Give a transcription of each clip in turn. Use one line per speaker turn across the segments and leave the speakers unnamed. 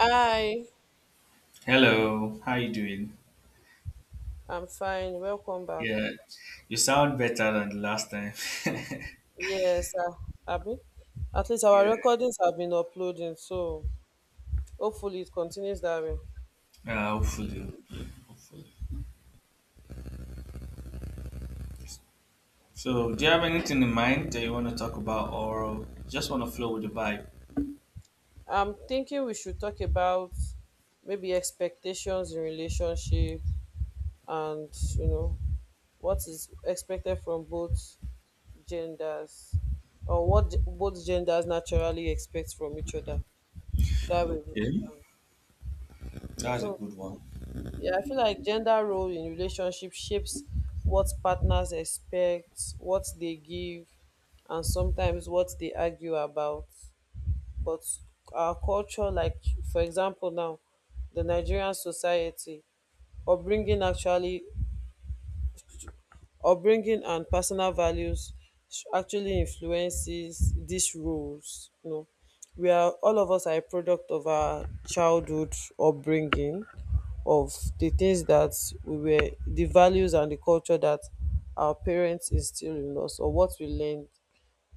Hi,
Hello, how you doing?
I'm fine. Welcome back.
Yeah, you sound better than the last time.
Yes, Abby. At least our
Yeah,
recordings have been uploading, so hopefully it continues that way.
hopefully, hopefully, hopefully. So, do you have anything in mind that you want to talk about, or just want to flow with the vibe?
I'm thinking we should talk about maybe expectations in relationship and, you know, what is expected from both genders or both genders naturally expect from each other. That way, we
Okay,
can.
that's a
So,
good one.
Yeah, I feel like gender role in relationship shapes what partners expect, what they give, and sometimes what they argue about. But our culture, like for example now, the Nigerian society, upbringing actually upbringing and personal values actually influences these roles. You know, we are all of us are a product of our childhood upbringing, of the things that we were, the values and the culture that our parents instill in us, or what we learned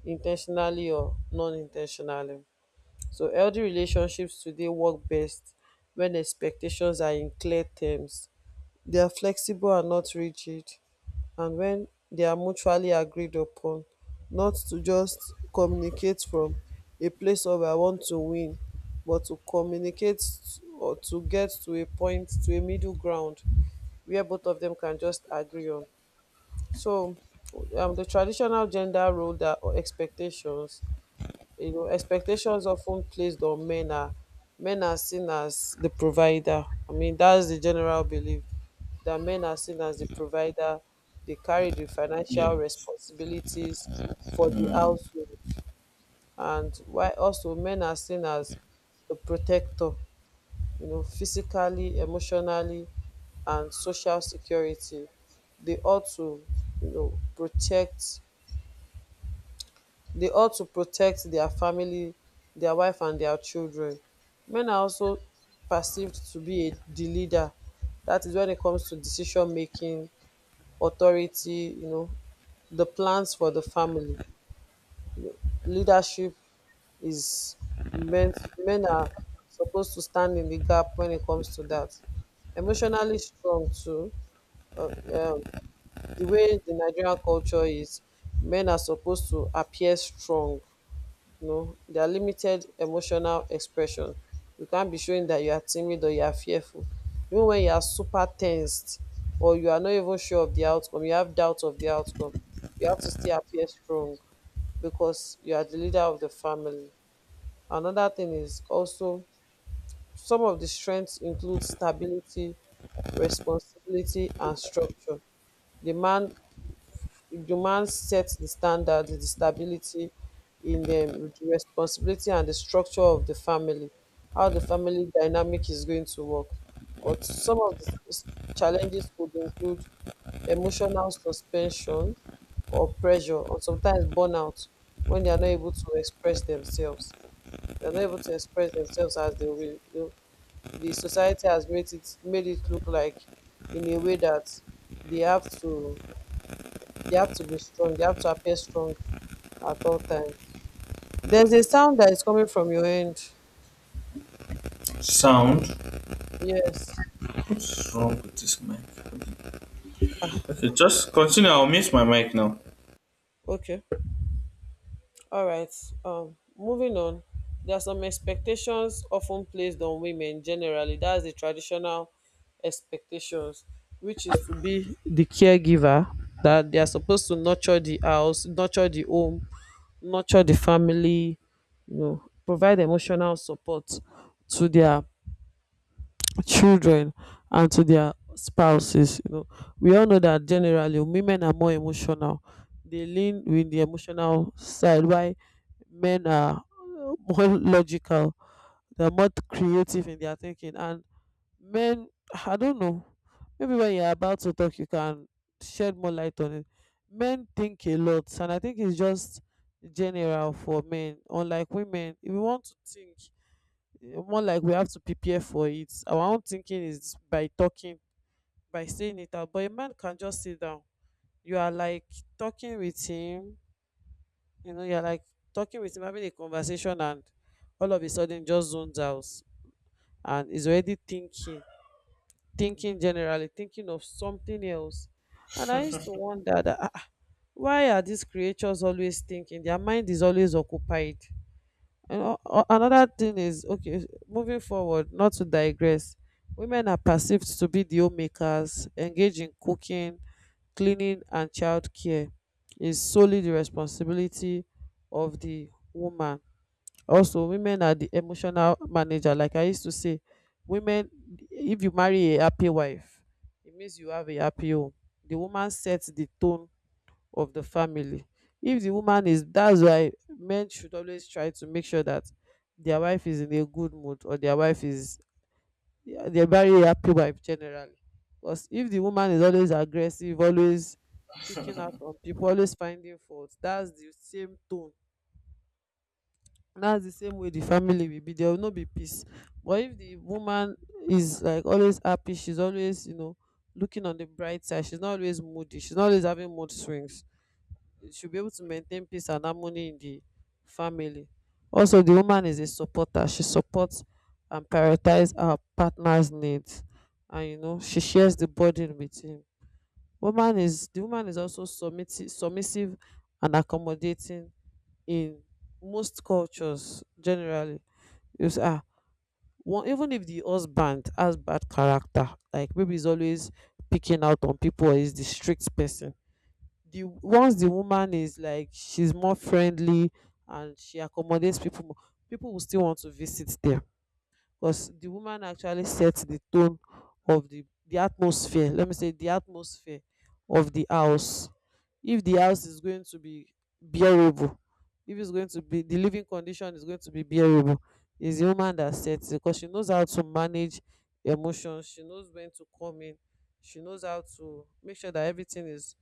intentionally or non-intentionally. So healthy relationships today work best when expectations are in clear terms, they are flexible and not rigid, and when they are mutually agreed upon, not to just communicate from a place of I want to win, but to communicate or to get to a point, to a middle ground where both of them can just agree on. So, the traditional gender role that or expectations, you know, expectations often placed on men are, men are seen as the provider. I mean, that's the general belief that men are seen as the provider. They carry the
Yeah,
financial responsibilities for the household, and why also men are seen as the protector. You know, physically, emotionally, and social security. They ought to, you know, protect, they ought to protect their family, their wife and their children. Men are also perceived to be a, the leader. That is when it comes to decision making, authority, you know, the plans for the family. Leadership is men. Men are supposed to stand in the gap when it comes to that. Emotionally strong too. Uh, um, The way the nigerian culture is, men are supposed to appear strong, you know, their limited emotional expression. You can't be showing that you are timid or you are fearful. Even when you are super tensed or you are not even sure of the outcome, you have doubt of the outcome, you have to still appear strong because you are the leader of the family. Another thing is also some of the strengths include stability, responsibility, and structure. The man Juman sets the standard, the stability in the responsibility and the structure of the family, how the family dynamic is going to work. But some of the challenges could include emotional suspension or pressure, or sometimes burnout when they are not able to express themselves. They are not able to express themselves as they will. The society has made it look like in a way that they have to they have to be strong. They have to appear strong at all times. There's a sound that is coming from your end.
sound.
Yes.
What's wrong with this mic?
Ah,
Okay, just continue. I'll mute my mic now.
okay. All right. Moving on. There are some expectations often placed on women generally. That's the traditional expectations, which is to be the caregiver, that they are supposed to nurture the house, nurture the home, nurture the family, you know, provide emotional support to their children and to their spouses. You know, we all know that generally women are more emotional. They lean with the emotional side, while men are more logical. They're more creative in their thinking, and men, I don't know. Maybe when you're about to talk, you can shed more light on it. Men think a lot, and I think it's just general for men. Unlike women, if you want to think, more like we have to prepare for it, our own thinking is by talking, by saying it out, but a man can just sit down. You are like talking with him, you know, you're like talking with him, having a conversation, and all of a sudden just zones out and is already thinking, thinking generally, thinking of something else. And I used to wonder that, why are these creatures always thinking, their mind is always occupied? And another thing is, okay, moving forward, not to digress, women are perceived to be the homemakers, engaged in cooking, cleaning, and childcare is solely the responsibility of the woman. Also, women are the emotional manager. Like I used to say, women, if you marry a happy wife, it means you have a happy home. The woman sets the tone of the family. If the woman is, that's why men should always try to make sure that their wife is in a good mood, or their wife is, yeah, they're very happy wife generally, because if the woman is always aggressive, always picking out on people, always finding fault, that's the same tone, that's the same way the family will be, there will not be peace. But if the woman is like always happy, she's always, you know, looking on the bright side, she's not always moody, she's not always having mood swings, should be able to maintain peace and harmony in the family. Also, the woman is a supporter. She supports and prioritizes her partner's needs, and you know she shares the burden with him. Woman is the woman is also submissive, submissive and accommodating in most cultures generally. You see, ah, one, even if the husband has bad character, like maybe he's always picking out on people, or he's the strict person, the once the woman is like, she's more friendly and she accommodates people more, people will still want to visit there, because the woman actually sets the tone of the atmosphere, let me say the atmosphere of the house. If the house is going to be bearable, if it's going to be, the living condition is going to be bearable, is the woman that sets it, because she knows how to manage emotions, she knows when to come in, she knows how to make sure that everything is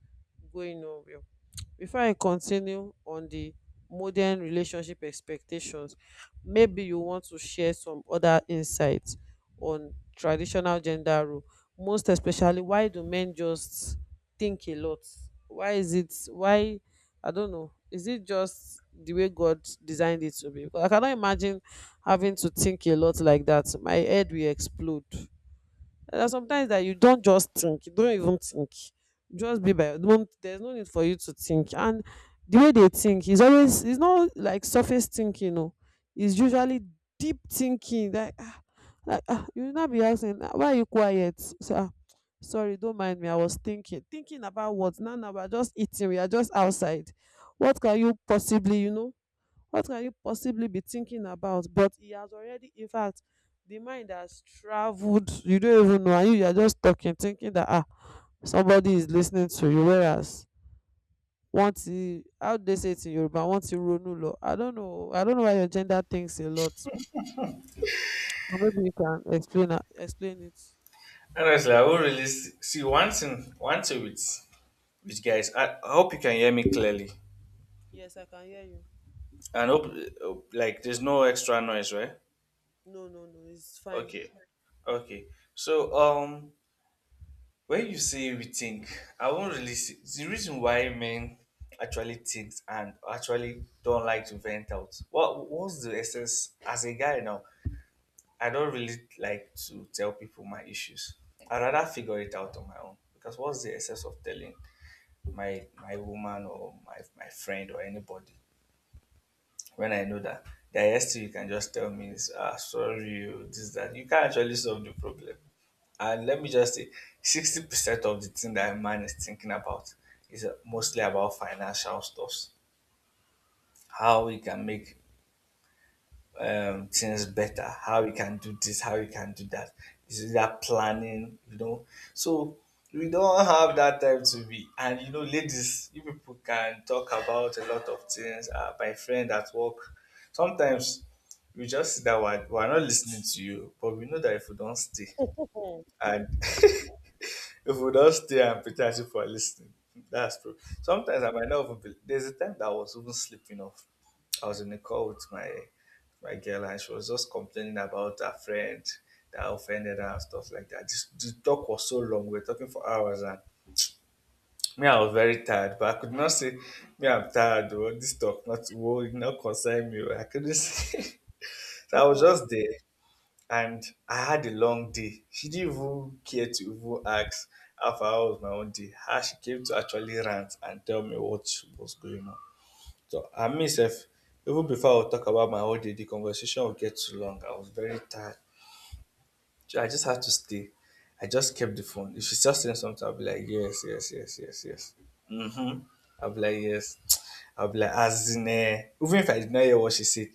going on well. Before I continue on the modern relationship expectations, maybe you want to share some other insights on traditional gender role, most especially why do men just think a lot. Why is it, why, I don't know, is it just the way God designed it to be? Because I cannot imagine having to think a lot like that, my head will explode. There are sometimes that you don't just think, you don't even think, just be by, no, there's no need for you to think. And the way they think is always, it's not like surface thinking, no, it's usually deep thinking, like ah, like ah, you will not be asking, "Ah, why are you quiet?" So, ah, sorry, don't mind me, I was thinking. Thinking about what? Now, now we are just eating, we are just outside, what can you possibly, you know, what can you possibly be thinking about? But he has already, in fact, the mind has traveled. You don't even know, and you are just talking, thinking that ah, somebody is listening to you. Whereas, once you, how do they say it in Yoruba, once you ronu lo, I don't know why your gender thinks a lot. But maybe you can explain, explain it.
Honestly, I will really see once in once a week. Which guys, I hope you can hear me clearly,
Yes, I can hear you.
and hope like there's no extra noise, right?
No, no, no, it's fine.
Okay. Okay. So when you say we think, I won't really see the reason why men actually think and actually don't like to vent out. What's the essence as a guy now? I don't really like to tell people my issues. I'd rather figure it out on my own. Because what's the essence of telling my woman or my friend or anybody when I know that the are still you can just tell me, is, ah, sorry, oh, this, that. You can't actually solve the problem. And let me just say, 60% of the thing that a man is thinking about is mostly about financial stuffs. How he can make things better, how you can do this, how you can do that. This is that planning, you know. So we don't have that time to be. And you know, ladies, you people can talk about a lot of things. My friend at work, sometimes we just see that we're not listening to you, but we know that if we don't stay and if we don't stay and pretend you for listening, that's true. Sometimes I might not even be, there's a time that I was even sleeping off. I was in a call with my girl and she was just complaining about her friend that offended her and stuff like that. This the talk was so long, we were talking for hours and me, I was very tired, but I could not say me I'm tired oh! This talk not will not concern me. Oh." I couldn't say so I was just there and I had a long day. She didn't even care to even ask how far was my own day. How she came to actually rant and tell me what was going on. So I myself, even before I would talk about my whole day, the conversation would get too long. I was very tired. So I just had to stay. I just kept the phone. If she's just saying something, I'll be like, yes, yes, yes, yes, yes. Mm-hmm. I'll be like, yes. I'll be like, as in, eh, even if I did not hear what she said,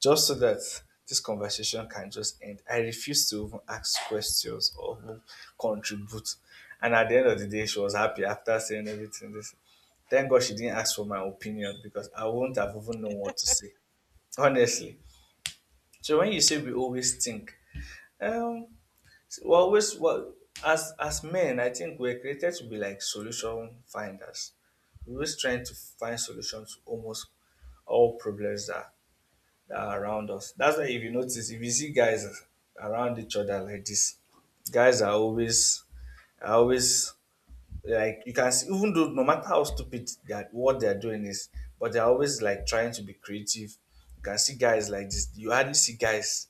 just so that this conversation can just end. I refused to even ask questions or even contribute. And at the end of the day, she was happy after saying everything. This. Thank God she didn't ask for my opinion because I wouldn't have even known what to say. Honestly. So when you say we always think, um, well, always well as men, I think we're created to be like solution finders. We're always trying to find solutions to almost all problems that are around us. That's why if you notice, if you see guys around each other like this, guys are always like you can see even though no matter how stupid that what they're doing is, but they're always like trying to be creative. You can see guys like this, you hardly see guys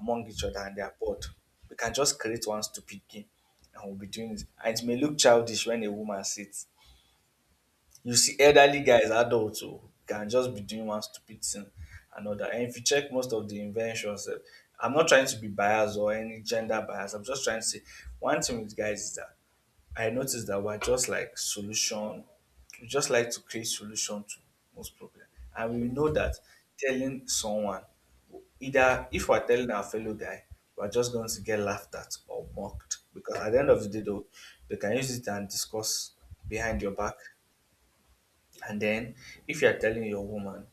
among each other and they're bored. We can just create one stupid game and we'll be doing it, and it may look childish. When a woman sits you see elderly guys, adults who can just be doing one stupid thing another. And if you check most of the inventions, eh, I'm not trying to be biased or any gender bias, I'm just trying to say one thing with guys is that I noticed that we're just like solution. We just like to create solution to most problem, and we know that telling someone, either if we're telling our fellow guy, we're just going to get laughed at or mocked because at the end of the day, though, they can use it and discuss behind your back. And then if you're telling your woman,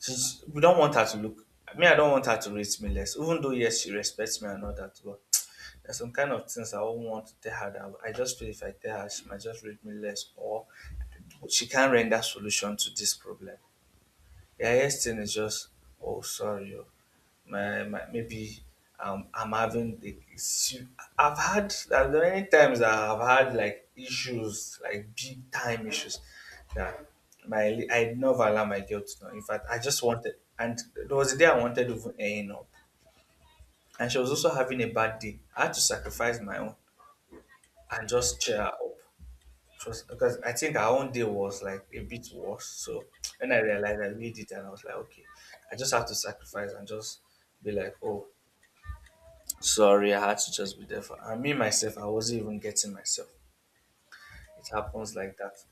she's we don't want her to look I mean, I don't want her to rate me less. Even though yes, she respects me and all that, but there's some kind of things I won't want to tell her that I just feel if I tell her she might just rate me less or she can't render solution to this problem. The highest thing is just, oh, sorry, oh, my maybe I'm having the issue. I've had there are many times that I've had like issues, like big time issues that my I never allow my girl to know. In fact, I just wanted, and there was a day I wanted to even end up, and she was also having a bad day. I had to sacrifice my own and just cheer her up. Trust because I think our own day was like a bit worse. So when I realized I need it and I was like, okay, I just have to sacrifice and just be like, oh, sorry, I had to just be there for and me myself, I wasn't even getting myself. It happens like that.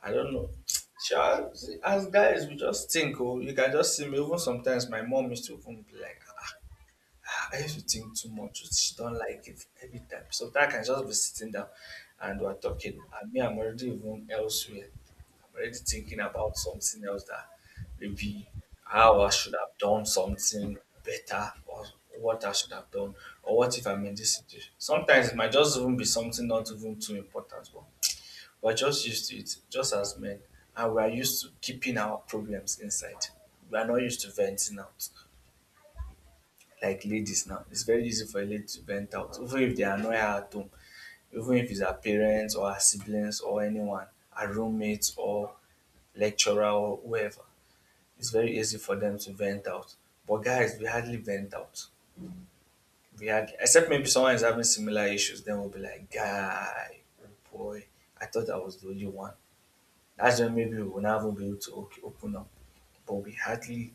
I don't know. Sure, as guys, we just think, oh, you can just see me. Even sometimes my mom used to even be like, ah, I used to think too much. She don't like it every time. Sometimes I can just be sitting down and we're talking, and me, I'm already even elsewhere. I'm already thinking about something else that maybe how I should have done something better or what I should have done or what if I'm in this situation. Sometimes it might just even be something not even too important, but we're just used to it, just as men. And we are used to keeping our problems inside. We are not used to venting out like ladies now, it's very easy for a lady to vent out, even if they annoy her at home, even if it's her parents or her siblings or anyone, her roommates or lecturer or whoever. It's very easy for them to vent out. But guys, we hardly vent out. We hardly, except maybe someone is having similar issues, then we'll be like, guy, oh boy, I thought I was the only one. That's when maybe we will never be able to okay, open up. But we hardly,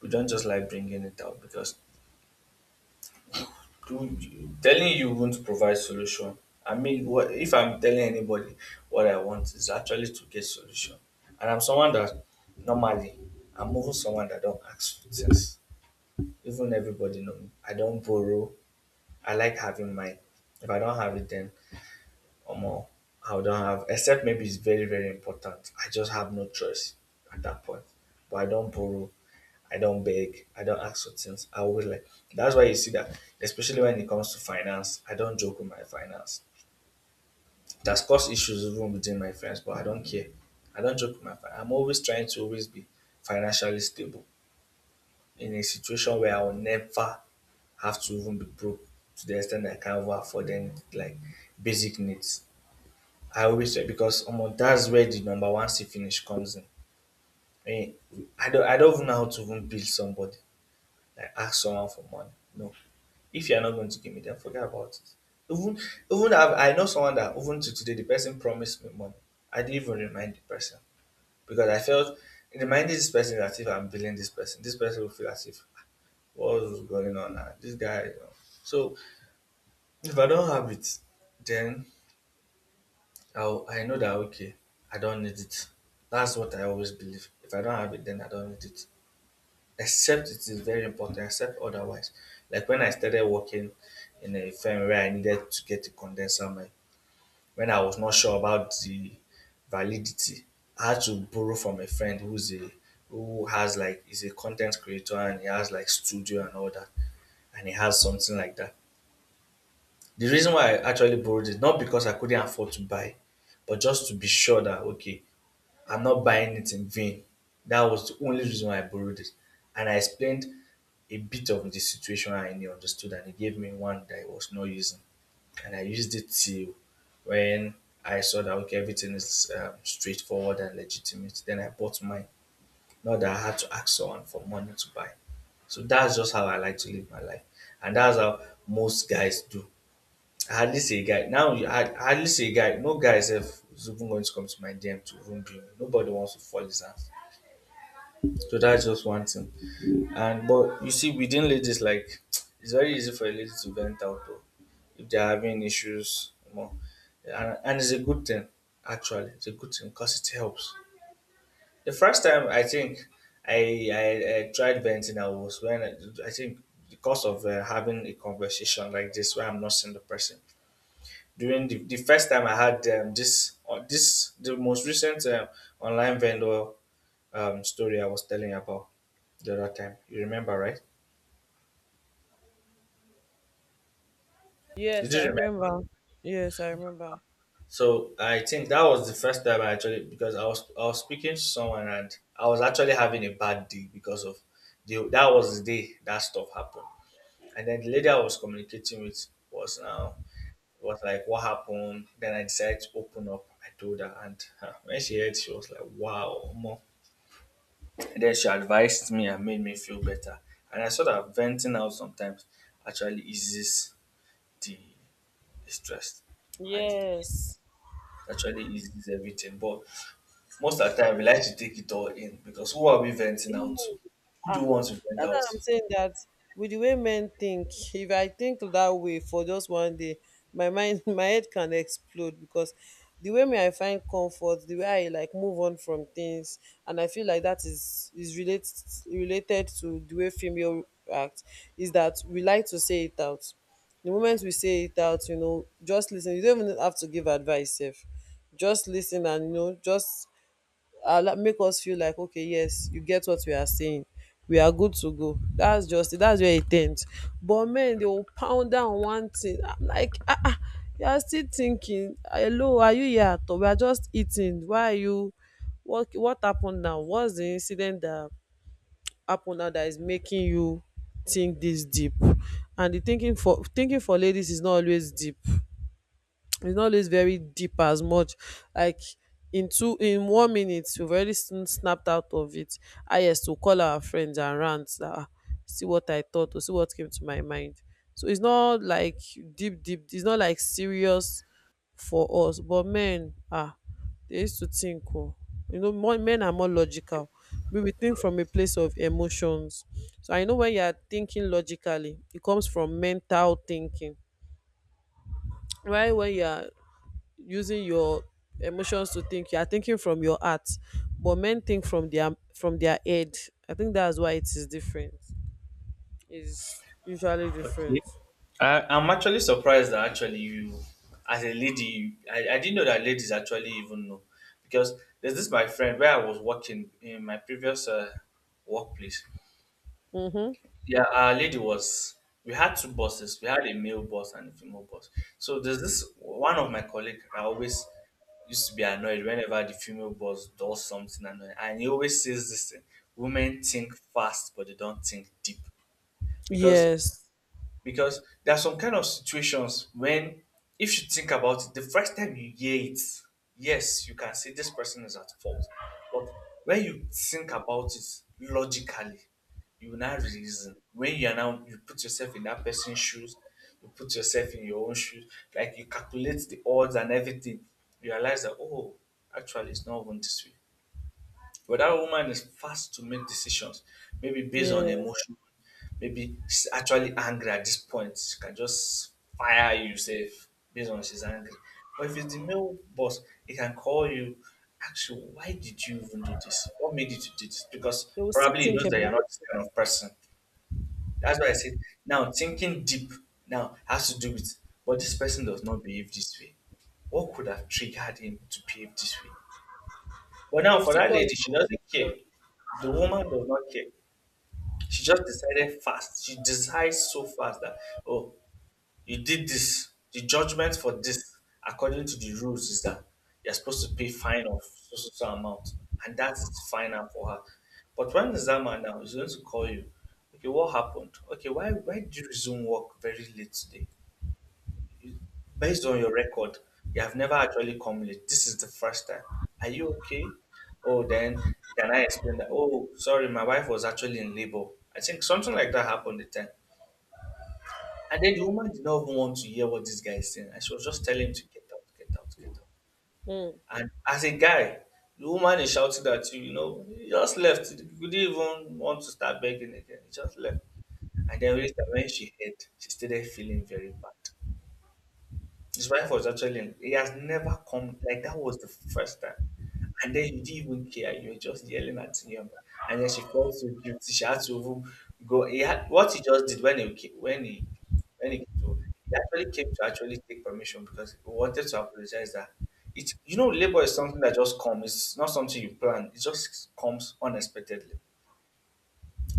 we don't just like bringing it out because do telling you won't provide solution. I mean, what if I'm telling anybody what I want is actually to get solution, and I'm someone that normally I'm also someone that don't ask for things. Even everybody know me. I don't borrow. I like having mine. If I don't have it, then or more, I don't have. Except maybe it's very very important. I just have no choice at that point. But I don't borrow. I don't beg. I don't ask for things. I always like that's why you see that, especially when it comes to finance, I don't joke with my finance. That's caused issues even within my friends, but I don't care. I don't joke with my finance. I'm always trying to always be financially stable in a situation where I will never have to even be broke to the extent that I can't even afford any like basic needs. I always say because that's where the number one see finish comes in. I mean, I don't even know how to even build somebody, like ask someone for money. No. If you're not going to give me, then forget about it. Even even I know someone that even to today the person promised me money. I didn't even remind the person because I felt reminding this person that if I'm billing this person will feel as if "Ah, what was going on now? This guy, you know. So if I don't have it, then I'll, I know that okay, I don't need it. That's what I always believe. If I don't have it, then I don't need it. Except it is very important, except otherwise. Like when I started working in a firm where I needed to get a condenser mic, when I was not sure about the validity, I had to borrow from a friend who's a who has like is a content creator and he has like studio and all that, and he has something like that. The reason why I actually borrowed it not because I couldn't afford to buy, but just to be sure that okay, I'm not buying it in vain. That was the only reason why I borrowed it. And I explained a bit of the situation and he understood and he gave me one that I was not using. And I used it till when I saw that okay, everything is straightforward and legitimate. Then I bought mine. Not that I had to ask someone for money to buy. So that's just how I like to live my life. And that's how most guys do. I hardly see a guy. Now you- I hardly see a guy. No guy is even going to come to my DM to room me. Nobody wants to fall his hands. So that's just one thing. And but you see, within ladies, like it's very easy for a lady to vent out though, if they're having issues more, and it's a good thing. Actually, it's a good thing because it helps. The first time I think I tried venting, I was when I think because of having a conversation like this where I'm not seeing the person. During the first time I had this the most recent online vendor story I was telling you about the other time. You remember, right? You
Yes,
do
I
remember.
remember. Yes, I remember.
So I think that was the first time I actually because I was speaking to someone and I was actually having a bad day because of the that was the day that stuff happened. And then the lady I was communicating with was like, "What happened?" Then I decided to open up. I told her, and when she heard, she was like, "Wow, more." And then she advised me and made me feel better. And I saw that venting out sometimes actually eases the stress and the
Yes.
actually eases everything. But most of the time, we like to take it all in because who are we venting
Mm.
out to? Who do
Ah,
we want to vent
that's
out
what I'm
to?
saying, that with the way men think, if I think that way for just one day, my mind, my head can explode, because the way me I find comfort, the way I like move on from things, and I feel like that is related, related to the way female act, is that we like to say it out. The moment we say it out, you know, just listen. You don't even have to give advice. If just listen, and just allow, make us feel like, okay, yes, you get what we are saying. We are good to go. That's just it. That's your intent. But men, they will pound down one thing. I'm like, ah, ah, you are still thinking. Hello, are you here at all? We are just eating. Why are you, what happened now? What's the incident that happened now that is making you think this deep? And the thinking for ladies is not always deep. It's not always very deep as much, like, in one minute we've already snapped out of it. I highest to call our friends and rant that, "Ah, see what I thought, or see what came to my mind." So it's not like deep deep, it's not like serious for us. But men, they used to think, oh, more, men are more logical. We will think from a place of emotions. So I know, when you are thinking logically, it comes from mental thinking, right? When you are using your emotions to think, you are thinking from your heart. But men think from their head. I think that's why it is different. It's usually different.
Okay. I'm actually surprised that actually you, as a lady, I didn't know that ladies actually even know. Because there's this my friend where I was working in my previous workplace.
Mm-hmm.
Yeah, our lady was. We had two bosses. We had a male boss and a female boss. So there's this one of my colleague. I always used to be annoyed whenever the female boss does something annoying, and he always says this thing: women think fast, but they don't think deep. Because
Yes,
because there are some kind of situations when if you think about it the first time you hear it, yes, you can say this person is at fault, but when you think about it logically, you will now reason when you are now you put yourself in that person's shoes, you put yourself in your own shoes, like you calculate the odds and everything, you realize that oh, actually it's not even this way. But that woman is fast to make decisions, maybe based on
yeah,
emotion, maybe she's actually angry at this point. She can just fire you, say, based on she's angry. But if it's the male boss, he can call you, ask you, why did you even do this? What made you to do this? Because
they will still
probably he
think
knows that you're
about,
not this kind of person. That's why I said, now thinking deep now has to do with, but this person does not behave this way. What could have triggered him to behave this way? But
they
now
will
for
still
that
call you
lady, she doesn't care.
for.
The woman does not care. She just decided fast. She decides so fast that, oh, you did this. The judgment for this, according to the rules, is that you're supposed to pay fine of so so so amount. And that is final for her. But when the Zama now is going to call you, okay, what happened? Okay, why did you resume work very late today? Based on your record, you have never actually come late. This is the first time. Are you okay? Oh, then can I explain that? Oh, sorry, my wife was actually in labor. I think something like that happened the time. And then the woman did not even want to hear what this guy is saying. And she was just telling him to get out, get out, get out.
Mm.
And as a guy, the woman is shouting at you, you know, he just left. You didn't even want to start begging again. He just left. And then later, when she heard, she started feeling very bad. His wife was actually, in, he has never come, like that was the first time. And then you didn't even care, you were just yelling at him. And then she felt so guilty. She had to even go. He had what he just did when he came to he actually came to actually take permission because he wanted to apologize that it, you know, labor is something that just comes. It's not something you plan. It just comes unexpectedly.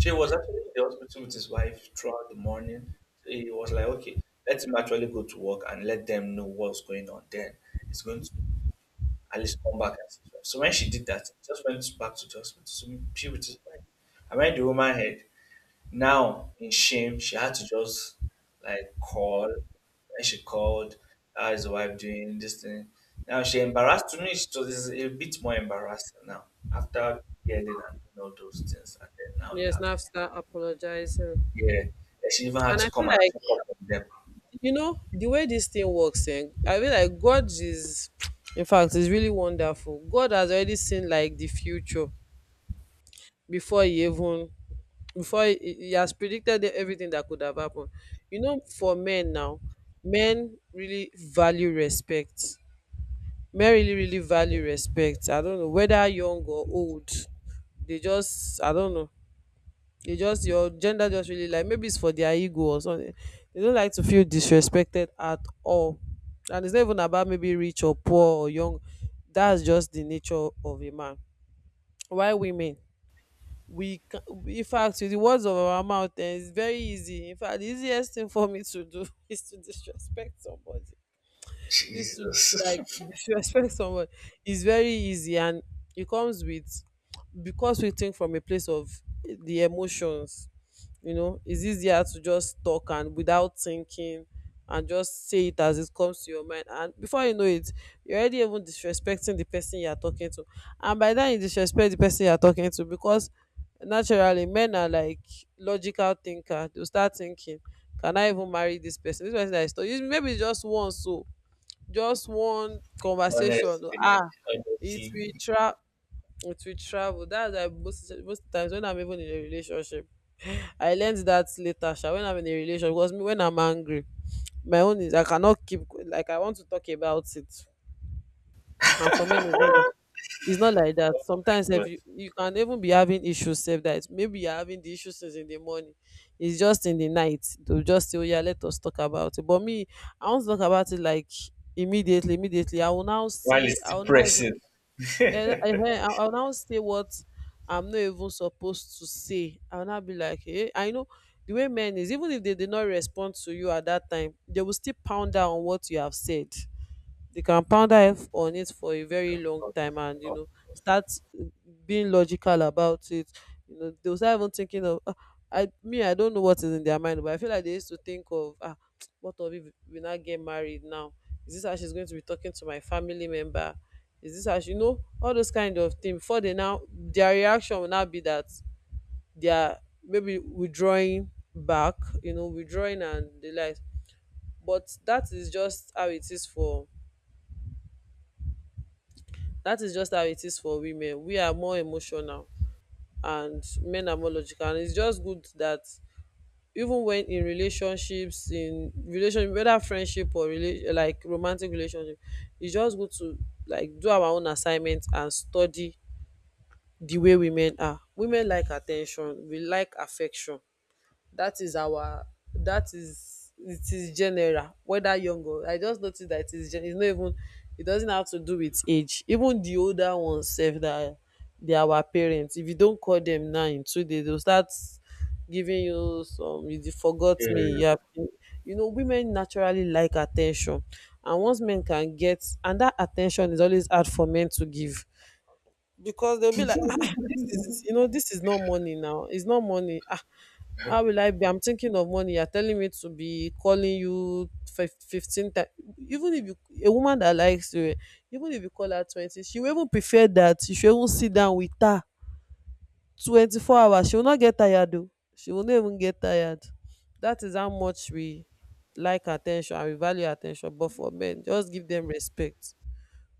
She was actually in the hospital with his wife throughout the morning. He was like, okay, let him actually go to work and let them know what's going on. Then he's going to at least come back and see his wife." So when she did that, he just went back to the hospital. So she with his wife. And when the woman heard, now in shame, she had to just like call. And she called, how is the wife doing? This thing. Now she embarrassed to me. So this is a bit more embarrassing now after yelling and doing all those things. And then now you
Yes,
have to
now start apologizing.
yeah, and she even had
And I
to
feel
come and
like,
check up on them.
the way this thing works. And I feel like God is, in fact, is really wonderful. God has already seen, like, the future, before he even before he has predicted everything that could have happened. For men now, men really value respect. Men really, really value respect. I don't know whether young or old. They just, I don't know. They just, your gender just really like, maybe it's for their ego or something. They don't like to feel disrespected at all. And it's not even about maybe rich or poor or young. That's just the nature of a man. Why women? We can, in fact, with the words of our mouth, it's very easy. In fact, the easiest thing for me to do is to disrespect somebody, is to, like,
Jesus,
disrespect someone, is very easy. And it comes with, because we think from a place of the emotions. It's easier to just talk and without thinking, and just say it as it comes to your mind, and before you know it, you're already even disrespecting the person you're talking to. And by then, you disrespect the person you're talking to, because naturally men are, like, logical thinker. They'll start thinking, can I even marry this person? This person that is talking, maybe it's just once, so just one conversation.
honestly,
Ah, it will
honestly,
tra it will travel. That's why most times when I'm even in a relationship, I learned that later sha. When I'm in a relationship, because me, when I'm angry, my own is I cannot keep, like, I want to talk about it. And for men, it's not like that.
oh
Sometimes if
God,
you can even be having issues, save that, maybe you're having the issues since in the morning. It's just in the night, they'll just say, oh, yeah, let us talk about it. But me, I want to talk about it, like, immediately. Immediately I will now
while
say,
it's
I will now
depressing.
even I will now say what I'm not even supposed to say. I will now be like, hey, I know, the way men is, even if they did not respond to you at that time, they will still pound down on what you have said. They can ponder on it for a very long time. And start, uh, being logical about it. They'll start even thinking of, ah, I don't know what is in their mind. But I feel like they used to think of, ah, what of if we now get married now? Is this how she's going to be talking to my family member? Is this how she, all those kind of things, before they now, their reaction will now be that they are maybe withdrawing back, withdrawing and the like. But that is just how it is for women. We are more emotional and men are more logical. And it's just good that even when in relationship, whether friendship or like romantic relationship, it's just good to, like, do our own assignment and study the way women are. Women like attention, we like affection. That is it is general, whether young or. I just notice that it is it's not even, it doesn't have to do with age. Even the older ones sef, that they are our parents, if you don't call them now in 2 days, they will start giving you some, you dey forgot me, you
Okay,
have. Women naturally like attention. And once men can get, and that attention is always hard for men to give, because they'll be like, ah, ah, this is not money now. It's not money. Ah, how will I be? I'm thinking of money. You're telling me to be calling you 15 times. Even if you, a woman that likes you, even if you call her 20, she will even prefer that. You should even sit down with her 24 hours. She will not get tired, though. She will not even get tired. That is how much we like attention and we value attention. But for men, just give them respect.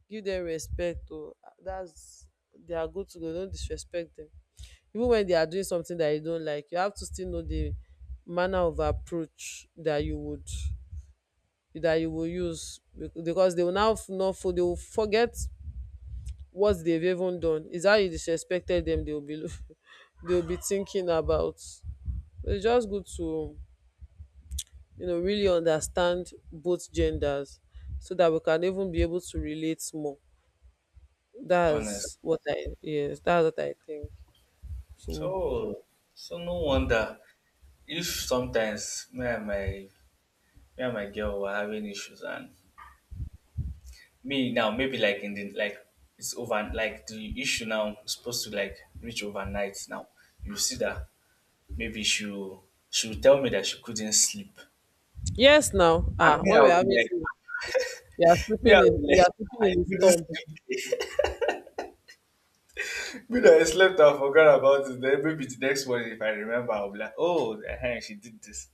Give them respect. Oh, that's they are good to go. Don't disrespect them, even when they are doing something that you don't like. You have to still know the manner of approach that you would that you will use, because they will now not for, they will forget. What they've even done is how you disrespected them. They will be they will be thinking about. So it's just good to, really understand both genders, so that we can even be able to relate more.
honest.
That's what I Yes, that's what I think. So
So, so no wonder if sometimes me and my girl were having issues, and me now maybe like in the like it's over like the issue now is supposed to like reach overnight now. You see that maybe she will tell me that she couldn't sleep.
yes now.
I
Ah,
mean,
when
I
we're
would be
having
like,
sleep,
me, I was
you
like,
are sleeping in
I
the
did not
storm.
sleep. Me that I slept and forgot about it. Then maybe the next morning, if I remember, I'll be like, oh, eh, she did this.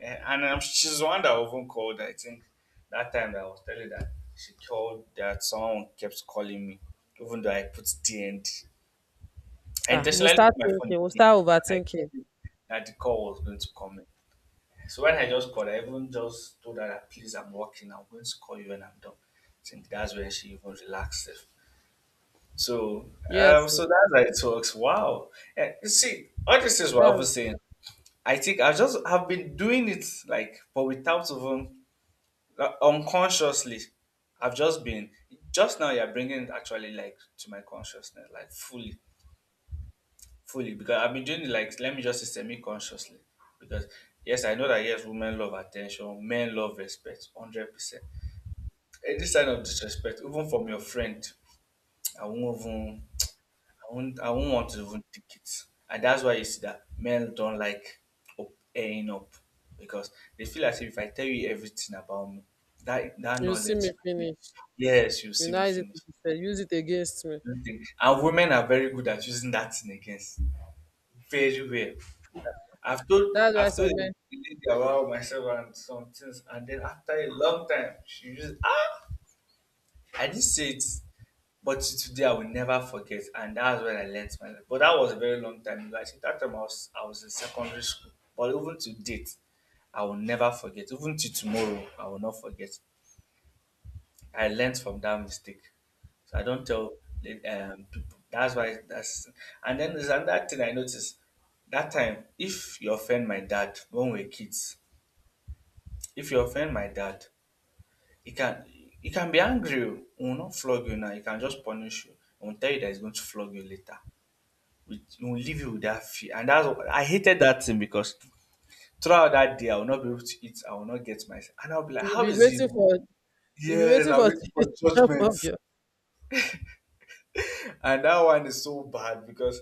Eh, and she's the one that often called, I think, that time that I was telling that she told that someone kept calling me, even though I put DND. I
Ah, we'll
intentionally
start
put my phone in
thinking, we'll start
DND because I
overthinking.
knew that the call was going to come in. So when I just called, I even just told her that, please, I'm working. I'm going to call you when I'm done. I think that's when she even relaxed. So,
Yes, sir.
so that's how it works. Wow. And you see, all these things we're always
That's
saying, I think I just have been doing it like, but without even like, unconsciously. I've just been just now. You're bringing it actually like to my consciousness, like fully, fully. Because I've been doing it like let me just say semi consciously. Because yes, I know that yes, women love attention, men love respect, 100%. Any sign of disrespect, even from your friend, I won't even I won't want to even take it. And that's why you see that men don't like airing up because they feel as if I tell you everything about me, that
you see
knowledge
me
might make
finish.
yes, you
You
see me
now use it to
finish.
defend, use it against me.
Don't think- And women are very good at using that thing against. Very well. I've told
That's why
I've told
some
a
men,
lady about myself and some things and then after a long time she used ah I didn't say it. But till today I will never forget, and that's when I learnt my lesson. But that was a very long time ago. I think that time I was in secondary school. But even to date, I will never forget. Even to tomorrow, I will not forget. I learnt from that mistake. So I don't tell people. That's why that's. And then there's another thing I noticed. That time, if you offend my dad when we were kids, if you offend my dad, he can he can be angry. Oh. He will not flog you now. He can just punish you. He will tell you that he's going to flog you later. It will leave you with that fear. And that's what- I hated that thing because throughout that day I will not be able to eat. I will not get my and I'll be like,
you
how
be
is it?
waiting for you be
Yes,
waiting
I'm
for
waiting for
the job
judgment.
of your,
And that one is so bad because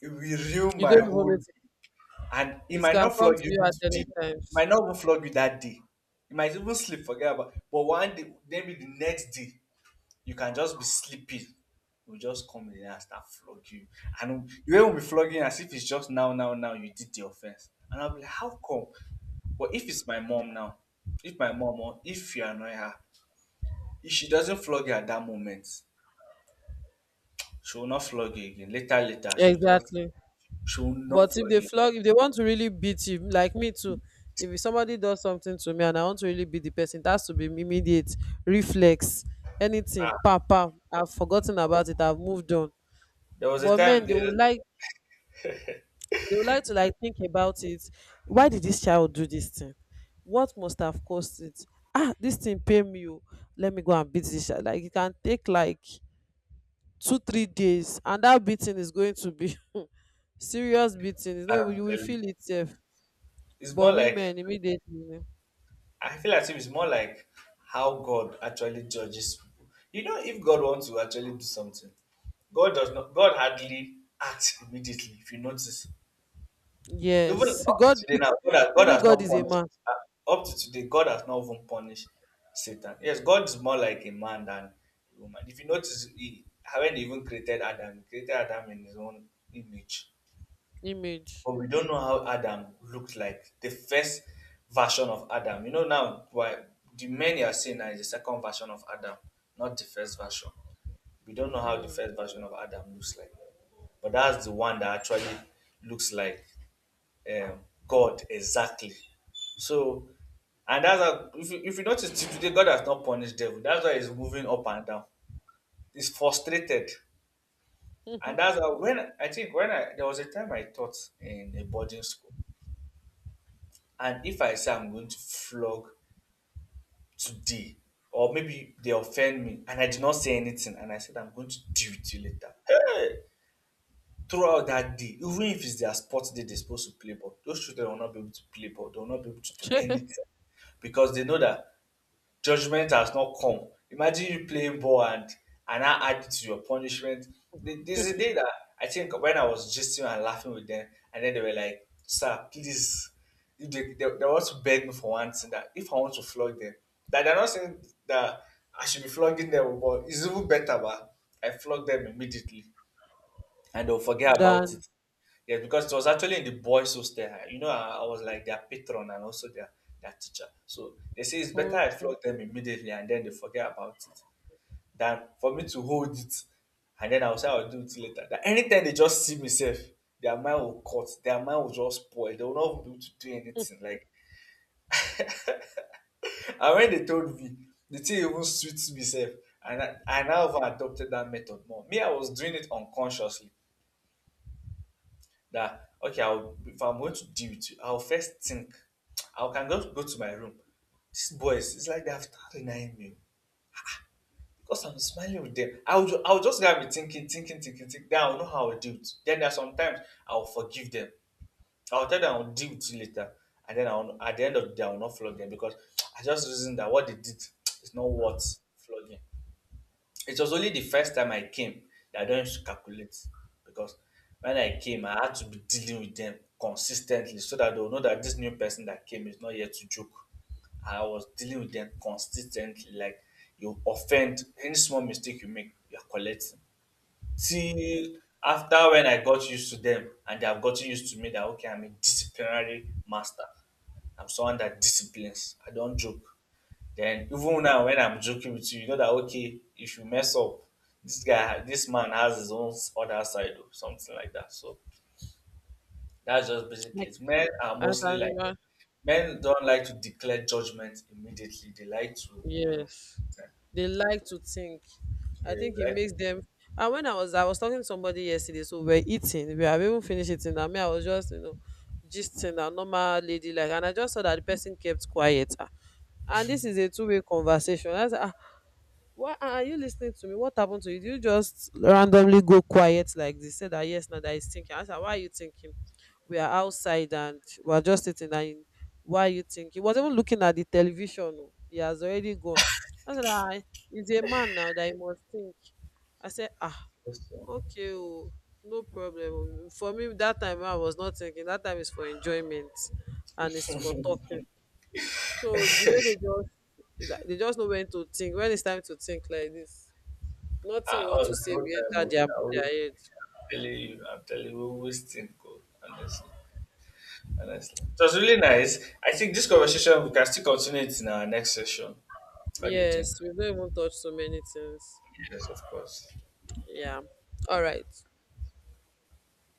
it will ruin
you
my
don't even
whole
need to,
day. And it
it
might
can
not
come to
flog you
you
even
at any
today. It
times.
might not even flog you that day. You might even sleep, forget about. But one day, maybe the next day, you can just be sleeping, will just come in there and start flogging you. And you won't be flogging as if it's just now, now, now you did the offense. And I'll be like, how come? But if it's my mom now, if my mom or if you annoy her, if she doesn't flog you at that moment, she will not flog you again. Later, later,
Exactly.
she will not
But if
flog
they
you.
flog, if they want to really beat you, like me too, if somebody does something to me and I want to really beat the person, it has to be immediate reflex, anything,
Ah,
pam pam. I've forgotten about it. I've moved on.
there was a
But
time
men,
there.
they would like to, like, think about it. Why did
hmm,
this child do this thing? What must have caused it? Ah, this thing pain me. Oh. Let me go and beat this child. Like, it can take like 2 or 3 days, and that beating is going to be serious beating. It's not
I'm
even, you will
telling you,
feel it. Sef.
it's more
But
like
women immediately.
I feel as if it's more like how God actually judges people. You know, if God wants to actually do something, God does not. God hardly acts immediately. If you notice, even
Yes,
up to
God.
today now, God has, God
Maybe
has
God
not
is a
punished.
man
Up to today, God has not even punished Satan. Yes, God is more like a man than a woman. If you notice, he haven't even created Adam. He created Adam in his own image,
image.
but we don't know how Adam looked like, the first version of Adam. You know now why the men you are seeing now is the second version of Adam, not the first version. We don't know how the
Mm.
first version of Adam looks like, but that's the one that actually looks like um, God exactly. So, and that's how, if you notice till today, God has not punished devil. That's why he's moving up and down. He's frustrated, and that's how when I think when I there was a time I taught in a boarding school. And if I say I'm going to flog today, or maybe they offend me and I did not say anything and I said I'm going to deal with you later. Hey! Throughout that day, even if it's their sports day they're supposed to play ball, those children will not be able to play ball. They will not be able to do anything because they know that judgment has not come. Imagine you playing ball and I add it to your punishment. There's a day that I think when I was gisting and laughing with them, and then they were like, "Sir, please." If they want to beg me for one thing that if I want to flog them, that they're not saying that I should be flogging them, but it's even better, but I flog them immediately and they'll forget about
Than
it. Yeah. Because it was actually in the boys' hostel. You know, I was like their patron and also their teacher. So they say it's better I
okay,
flog them immediately and then they forget about it than for me to hold it and then I'll say I'll do it later. That anytime they just see me self, their mind will cut, their mind will just spoil. They will not be able to do anything. Like and when they told me, the thing even suits me self. And I now have adopted that method more. Me, I was doing it unconsciously that okay, I'll if I'm going to deal with you I'll first think I can just go to my room. These boys, it's like they have started denying me because I'm smiling with them, I'll just gotta be thinking thinking thinking thinking, then I'll know how I'll deal with. Then there are sometimes I'll forgive them, I'll tell them I'll deal with you later, and then I'll at the end of the day I'll not flog them because I just reason that what they did is not worth flogging. It was only the first time I came that I don't used to calculate, because when I came, I had to be dealing with them consistently so that they'll know that this new person that came is not here to joke. I was dealing with them consistently. Like you offend any small mistake you make, you're collecting. Till after when I got used to them and they have gotten used to me that okay, I'm a disciplinary master. I'm someone that disciplines. I don't joke. Then even now when I'm joking with you, you know that okay if you mess up, this man has his own other side or something like that. So that's just basically
like,
it.
as animal,
Men don't like to declare judgment immediately. They like to,
yes,
uh,
they like to think.
yeah,
I think it
they like to
makes them. And I was talking to somebody yesterday. So we're eating. We have even finished eating. I mean, I was just, gisting a normal lady, like. And I just saw that the person kept quiet. Ah. And this is a two-way conversation. That's, ah, why are you listening to me? What happened to you? Did you just randomly go quiet like this? Said that, yes, now that is thinking. I said, why are you thinking? We are outside and we are just sitting, and why are you thinking? He was even looking at the television. Oh. He has already gone. I said, ah, he's a man now, that he must think. I said, ah,
declare some.
okay, oh, no problem. Oh, for me, that time I was not thinking. That time is for enjoyment and it's for talking. So the way they just, like, they just know when to think, when it's time to think like this. Nothing
Ah,
you want
all
to
the
say,
whole
we
time,
enter
oh, I
their
always
head.
I'm telling you we always think, oh, honestly, honestly. It was really nice. I think this conversation we can still continue it in our next session. What do you think?
Yes, we don't even touch so many things.
Yes, of course.
Yeah. All right.